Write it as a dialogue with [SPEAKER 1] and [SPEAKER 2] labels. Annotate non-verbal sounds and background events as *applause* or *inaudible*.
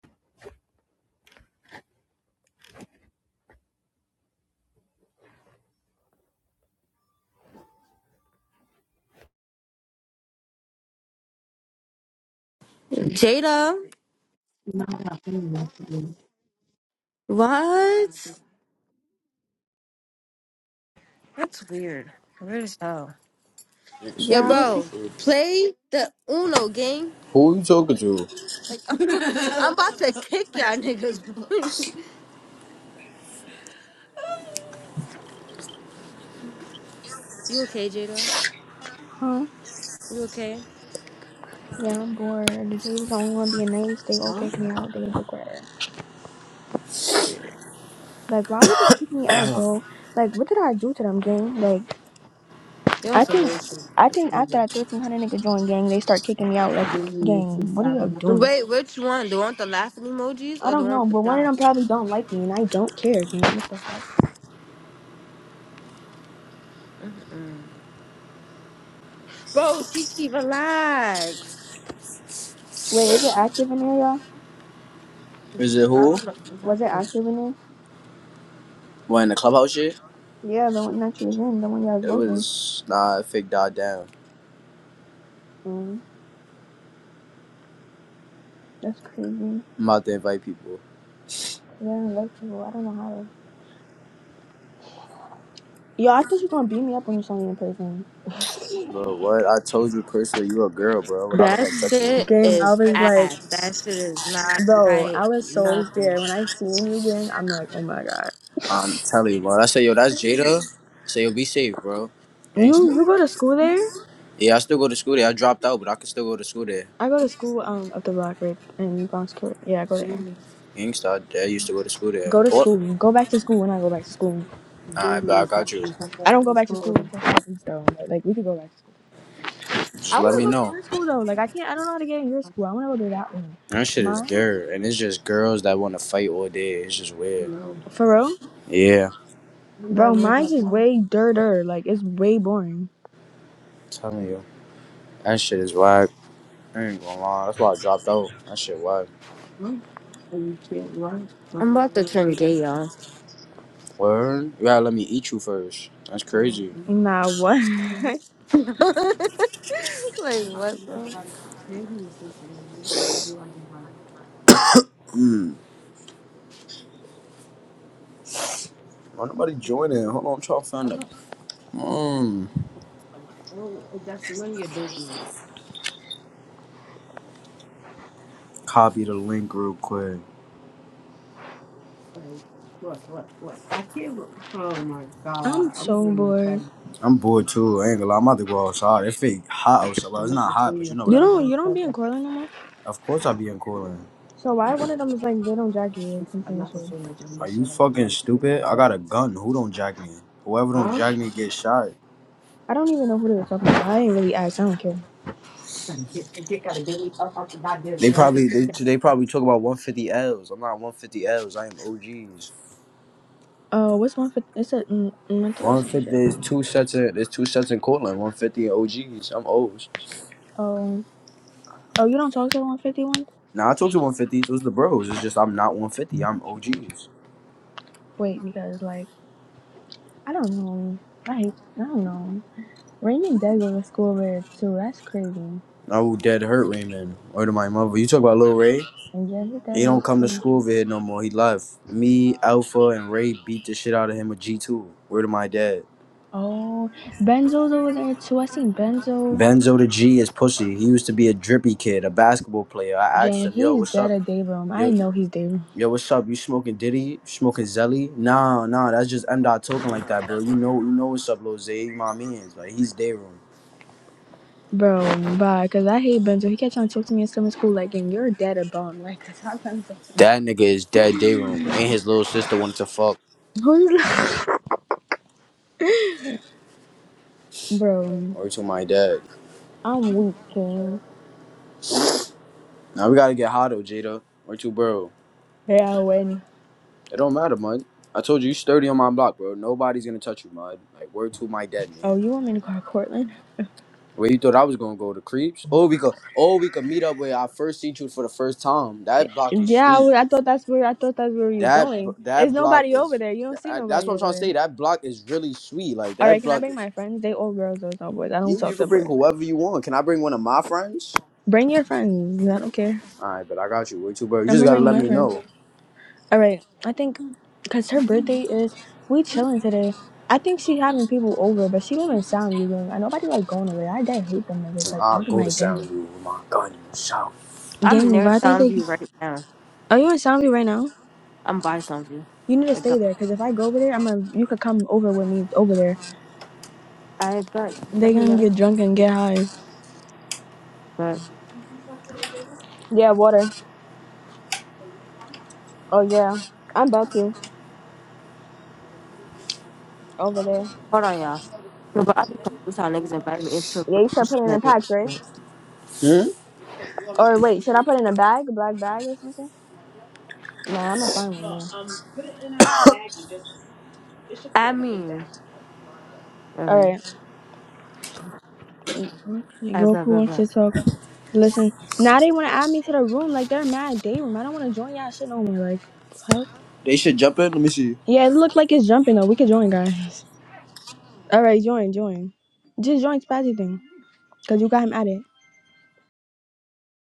[SPEAKER 1] Jada, what? That's weird. Weird as hell.
[SPEAKER 2] Nick's
[SPEAKER 1] Yo,
[SPEAKER 3] Yeah, I
[SPEAKER 2] face
[SPEAKER 3] was
[SPEAKER 2] was
[SPEAKER 1] bro,
[SPEAKER 3] thinking,
[SPEAKER 2] short.
[SPEAKER 1] play the Uno game.
[SPEAKER 2] Who are you talking to?
[SPEAKER 1] *laughs* I'm about to *laughs* kick y'all niggas. *laughs* you okay, Jada?
[SPEAKER 3] huh?
[SPEAKER 1] You okay?
[SPEAKER 3] Yeah, I'm bored. They was the only one being nice. They all
[SPEAKER 1] Huh?
[SPEAKER 3] kicked me out. They did better.
[SPEAKER 1] Weird.
[SPEAKER 3] Like, why would they kick me out, bro? Like, what did I do to them, gang? Like,
[SPEAKER 1] They on
[SPEAKER 3] I
[SPEAKER 1] some
[SPEAKER 3] think,
[SPEAKER 1] weird shit.
[SPEAKER 3] I
[SPEAKER 1] That's
[SPEAKER 3] think after
[SPEAKER 1] weird.
[SPEAKER 3] that 1300 nigga joined gang, they start kicking me out. Like, gang, what are you all doing?
[SPEAKER 1] Wait, which one? The one with the laughing emojis
[SPEAKER 3] I
[SPEAKER 1] or the
[SPEAKER 3] don't
[SPEAKER 1] one
[SPEAKER 3] know,
[SPEAKER 1] with the
[SPEAKER 3] but one of
[SPEAKER 1] dot?
[SPEAKER 3] them probably don't like me, and I don't care, gang. What the fuck?
[SPEAKER 1] Mm-mm. Bro, Chichi, relax.
[SPEAKER 3] Wait, is it active in there, y'all?
[SPEAKER 2] Is it who?
[SPEAKER 3] Was it active in there?
[SPEAKER 2] What in the clubhouse shit?
[SPEAKER 3] Yeah, the one that you was in, the one y'all was
[SPEAKER 2] It
[SPEAKER 3] both in.
[SPEAKER 2] was nah it fake died down.
[SPEAKER 3] Mm, that's crazy.
[SPEAKER 2] I'm about to invite people.
[SPEAKER 3] Yeah, I don't like people. I don't know how to. Yo, I thought you was gonna beat me up when you saw me in person.
[SPEAKER 2] Bro, what? I told you personally you a girl, bro. What I look
[SPEAKER 1] That
[SPEAKER 2] like touching you.
[SPEAKER 1] shit
[SPEAKER 3] Gang, I
[SPEAKER 1] is
[SPEAKER 3] was like,
[SPEAKER 1] ass. That shit is not
[SPEAKER 3] bro, I
[SPEAKER 1] hype.
[SPEAKER 3] was so
[SPEAKER 1] Nothing.
[SPEAKER 3] scared when I seen you, gang. I'm like, oh my god,
[SPEAKER 2] I'm telling you, bro. I say yo, that's Jada. I say yo, be safe, bro.
[SPEAKER 3] you
[SPEAKER 2] Gangsta.
[SPEAKER 3] you go to school there?
[SPEAKER 2] Yeah, I still go to school there. I dropped out, but I can still go to school there.
[SPEAKER 3] I go to school um up the block right in Bronx Court. Yeah, I go
[SPEAKER 1] Give
[SPEAKER 3] there.
[SPEAKER 1] me,
[SPEAKER 2] Gangsta, I I used to go to school there.
[SPEAKER 3] Go to
[SPEAKER 2] Oh,
[SPEAKER 3] school. Go back to school when I go back to school.
[SPEAKER 1] give
[SPEAKER 2] alright, but
[SPEAKER 1] me a
[SPEAKER 2] I got you.
[SPEAKER 1] second. am
[SPEAKER 3] I don't go back to school until five though. but, like we could go back to school. I
[SPEAKER 2] Just let
[SPEAKER 3] want to
[SPEAKER 2] me
[SPEAKER 3] go to
[SPEAKER 2] know.
[SPEAKER 3] your school though. Like I can't. I don't know how to get in your school. I want to go to that one.
[SPEAKER 2] That shit is
[SPEAKER 3] Mine's
[SPEAKER 2] dirt, and it's just girls that want to fight all day. It's just
[SPEAKER 1] You
[SPEAKER 2] weird.
[SPEAKER 1] know,
[SPEAKER 3] for real,
[SPEAKER 2] Yeah,
[SPEAKER 1] I don't gotta
[SPEAKER 3] bro.
[SPEAKER 1] worry
[SPEAKER 3] Mine's
[SPEAKER 1] about
[SPEAKER 3] is
[SPEAKER 1] that.
[SPEAKER 3] way dirter. Like it's way boring.
[SPEAKER 2] tell me,
[SPEAKER 1] mm
[SPEAKER 2] yo. That shit is whack. I ain't gonna lie. That's why I dropped out. That shit whack.
[SPEAKER 1] And you can't run. I'm about to turn gay, y'all.
[SPEAKER 2] Word? You gotta let me eat you first. That's
[SPEAKER 1] *laughs* like
[SPEAKER 2] crazy.
[SPEAKER 3] Nah, what? *laughs*
[SPEAKER 1] what? Bro? Like, Stop saying me, sis, and You're the only dude I can buy.
[SPEAKER 2] Mm. Why nobody join it?
[SPEAKER 1] like.
[SPEAKER 2] Hold on, I'm trying to find it.
[SPEAKER 1] oh,
[SPEAKER 2] Mm.
[SPEAKER 1] Like, oh, that's none of your business.
[SPEAKER 2] Copy the link real quick.
[SPEAKER 1] Like, look, look, look. I can't. bel- Oh my God.
[SPEAKER 3] I'm
[SPEAKER 1] I'm
[SPEAKER 3] so
[SPEAKER 1] giving you
[SPEAKER 3] bored.
[SPEAKER 1] trouble.
[SPEAKER 2] I'm bored too. I ain't gonna lie. I'm about to go outside. It fake hot outside. Well,
[SPEAKER 1] I'm
[SPEAKER 2] it's
[SPEAKER 1] not
[SPEAKER 2] not
[SPEAKER 1] gonna say
[SPEAKER 2] hot, but you know what
[SPEAKER 3] You
[SPEAKER 1] nothing.
[SPEAKER 2] I
[SPEAKER 1] You're
[SPEAKER 2] mean.
[SPEAKER 3] don't
[SPEAKER 1] gonna
[SPEAKER 3] you don't
[SPEAKER 1] stop
[SPEAKER 3] be in
[SPEAKER 1] that.
[SPEAKER 3] Corland no more?
[SPEAKER 2] Of course I be in cooling.
[SPEAKER 3] So why one of them was like, they don't drag you or
[SPEAKER 1] Listen, I'm
[SPEAKER 3] something.
[SPEAKER 1] not gonna
[SPEAKER 3] So
[SPEAKER 1] say nothing. I'm gonna
[SPEAKER 2] Are you
[SPEAKER 1] shut up. You
[SPEAKER 2] fucking
[SPEAKER 1] want me to
[SPEAKER 2] stupid? I
[SPEAKER 1] say-
[SPEAKER 2] got a
[SPEAKER 1] something.
[SPEAKER 2] gun. Who don't jack me? Whoever don't
[SPEAKER 1] Huh?
[SPEAKER 2] jack me get shot.
[SPEAKER 3] I don't even know who they were talking about. I ain't really asked. I don't care.
[SPEAKER 1] You gotta get, get, gotta get me up off the goddamn
[SPEAKER 2] They
[SPEAKER 1] bed.
[SPEAKER 2] probably
[SPEAKER 1] Just to-
[SPEAKER 2] they
[SPEAKER 1] get
[SPEAKER 2] they probably talk about 150 L's. I'm not 150 L's. I am OGs.
[SPEAKER 3] Oh, Uh, what's one fifty? It's a mm, mm, or some
[SPEAKER 2] 150.
[SPEAKER 3] shit.
[SPEAKER 2] There's two sets in. there's two sets in Cortland. 150 and OGs. I'm O's.
[SPEAKER 3] Oh, oh, you don't talk to the one fifty ones?
[SPEAKER 2] Now I talk to 150s. Those the bros. It's just I'm not 150. I'm OGs.
[SPEAKER 3] Wait, because like I don't know. I hate. I don't know. Raymond did go to school there too. That's crazy.
[SPEAKER 2] I will dead hurt Raymond. Or to my mother. You talk about Lil Ray.
[SPEAKER 3] And yeah, he did
[SPEAKER 2] He
[SPEAKER 3] go to
[SPEAKER 2] don't come to
[SPEAKER 3] school.
[SPEAKER 2] school over here no more. He left. Me, Alpha, and Ray beat the shit out of him with G2. Word to my dad.
[SPEAKER 3] Oh, Benzo's over there too. I seen Benzo.
[SPEAKER 2] Benzo the G is pussy. He used to be a drippy kid, a basketball player. I asked
[SPEAKER 3] Dang,
[SPEAKER 2] him, yo,
[SPEAKER 3] he's
[SPEAKER 2] what's
[SPEAKER 3] dead
[SPEAKER 2] up?
[SPEAKER 3] at Dayroom. I
[SPEAKER 2] Yo.
[SPEAKER 3] know he's Dayroom.
[SPEAKER 2] Yo, what's up? You smoking Diddy? smoking Zelly? Nah, nah, that's just M dot talking like that, bro. You know, you know what's up, Lil Zay. You my man's like he's day room.
[SPEAKER 3] Bro, bye. Cause I hate Benzo. He kept trying to talk to me in summer school, like, and your dad a bum. *laughs* Like, cause I'm trying to talk to him.
[SPEAKER 2] That nigga is dead day room, and his little sister wanted to fuck.
[SPEAKER 3] Who's like, *laughs* bro?
[SPEAKER 2] Or to my dad.
[SPEAKER 3] I'm weak, king.
[SPEAKER 2] Now we gotta get hot, though, Jada. Or to bro.
[SPEAKER 3] Yeah, I win.
[SPEAKER 2] It don't matter, mud. I told you, you sturdy on my block, bro. Nobody's gonna touch you, mud. Like word to my dad,
[SPEAKER 3] Oh,
[SPEAKER 2] man.
[SPEAKER 3] you want me to call Cortland?
[SPEAKER 2] Where you thought I was gonna go? to creeps? Oh, we could, oh, we could meet up where I first seen you for the first time. That block is
[SPEAKER 3] Yeah, I,
[SPEAKER 2] sweet.
[SPEAKER 3] would- I thought that's where I thought that's where he was
[SPEAKER 2] That
[SPEAKER 3] going. There's
[SPEAKER 2] that block
[SPEAKER 3] nobody over
[SPEAKER 2] is
[SPEAKER 3] there. You don't see
[SPEAKER 2] that, that's
[SPEAKER 3] nobody
[SPEAKER 2] what I'm
[SPEAKER 3] over
[SPEAKER 2] trying to say.
[SPEAKER 3] there.
[SPEAKER 2] That block is really sweet. Like
[SPEAKER 3] All right,
[SPEAKER 2] that
[SPEAKER 3] can I
[SPEAKER 2] block
[SPEAKER 3] bring
[SPEAKER 2] is
[SPEAKER 3] my friends? They all girls, those no boys. I don't
[SPEAKER 2] yeah.
[SPEAKER 3] talk
[SPEAKER 2] You
[SPEAKER 3] to
[SPEAKER 2] can bring
[SPEAKER 3] boys.
[SPEAKER 2] whoever you want. Can I bring one of my friends?
[SPEAKER 3] Bring your friends. I don't care.
[SPEAKER 2] All right, but I got you. Way too bro. You
[SPEAKER 3] I'm
[SPEAKER 2] just
[SPEAKER 3] gonna
[SPEAKER 2] gotta
[SPEAKER 3] bring
[SPEAKER 2] let
[SPEAKER 3] my
[SPEAKER 2] me
[SPEAKER 3] friends.
[SPEAKER 2] know.
[SPEAKER 3] All right. I think because her birthday is we chilling today. I think she having people over, but she live in Sound View, Gang. I nobody like going over there. I dad hate them niggas. Like,
[SPEAKER 2] I'll
[SPEAKER 3] where am
[SPEAKER 2] go to
[SPEAKER 3] I dad?
[SPEAKER 2] Sound View with my gun. Shout.
[SPEAKER 1] I'm
[SPEAKER 3] Gang,
[SPEAKER 1] near
[SPEAKER 3] but I think they.
[SPEAKER 1] Soundview right now.
[SPEAKER 3] Are you in Soundview right now?
[SPEAKER 1] I'm by Soundview.
[SPEAKER 3] You need to
[SPEAKER 1] But God,
[SPEAKER 3] stay there because if I go over there, I'm gonna. You could come over with me over there.
[SPEAKER 1] I got let
[SPEAKER 3] They
[SPEAKER 1] me
[SPEAKER 3] gonna
[SPEAKER 1] know.
[SPEAKER 3] get drunk and get high.
[SPEAKER 1] But
[SPEAKER 3] Yeah, water. Oh yeah, I'm about to over there.
[SPEAKER 1] hold on, y'all. No, but I be confused how niggas invite me into
[SPEAKER 3] Yeah, you said
[SPEAKER 1] rooms
[SPEAKER 3] put
[SPEAKER 1] and
[SPEAKER 3] it in
[SPEAKER 1] then
[SPEAKER 3] a
[SPEAKER 1] they
[SPEAKER 3] pack, right?
[SPEAKER 1] end it.
[SPEAKER 2] Hmm?
[SPEAKER 3] Or wait, should I put it in a bag, a black bag or something? Nah, I'm gonna find one. All
[SPEAKER 1] I mean,
[SPEAKER 3] right.
[SPEAKER 1] uh,
[SPEAKER 3] Okay, Goku wants to talk. Listen, now they want to add me to the room. Like they're mad day room. I don't want to join y'all shit no more. Like, help.
[SPEAKER 2] They should jump in. Let me see.
[SPEAKER 3] Yeah, it looked like it's jumping though. We could join, guys. *laughs* All right, join, join. Just join Spazzy thing, cause you got him added.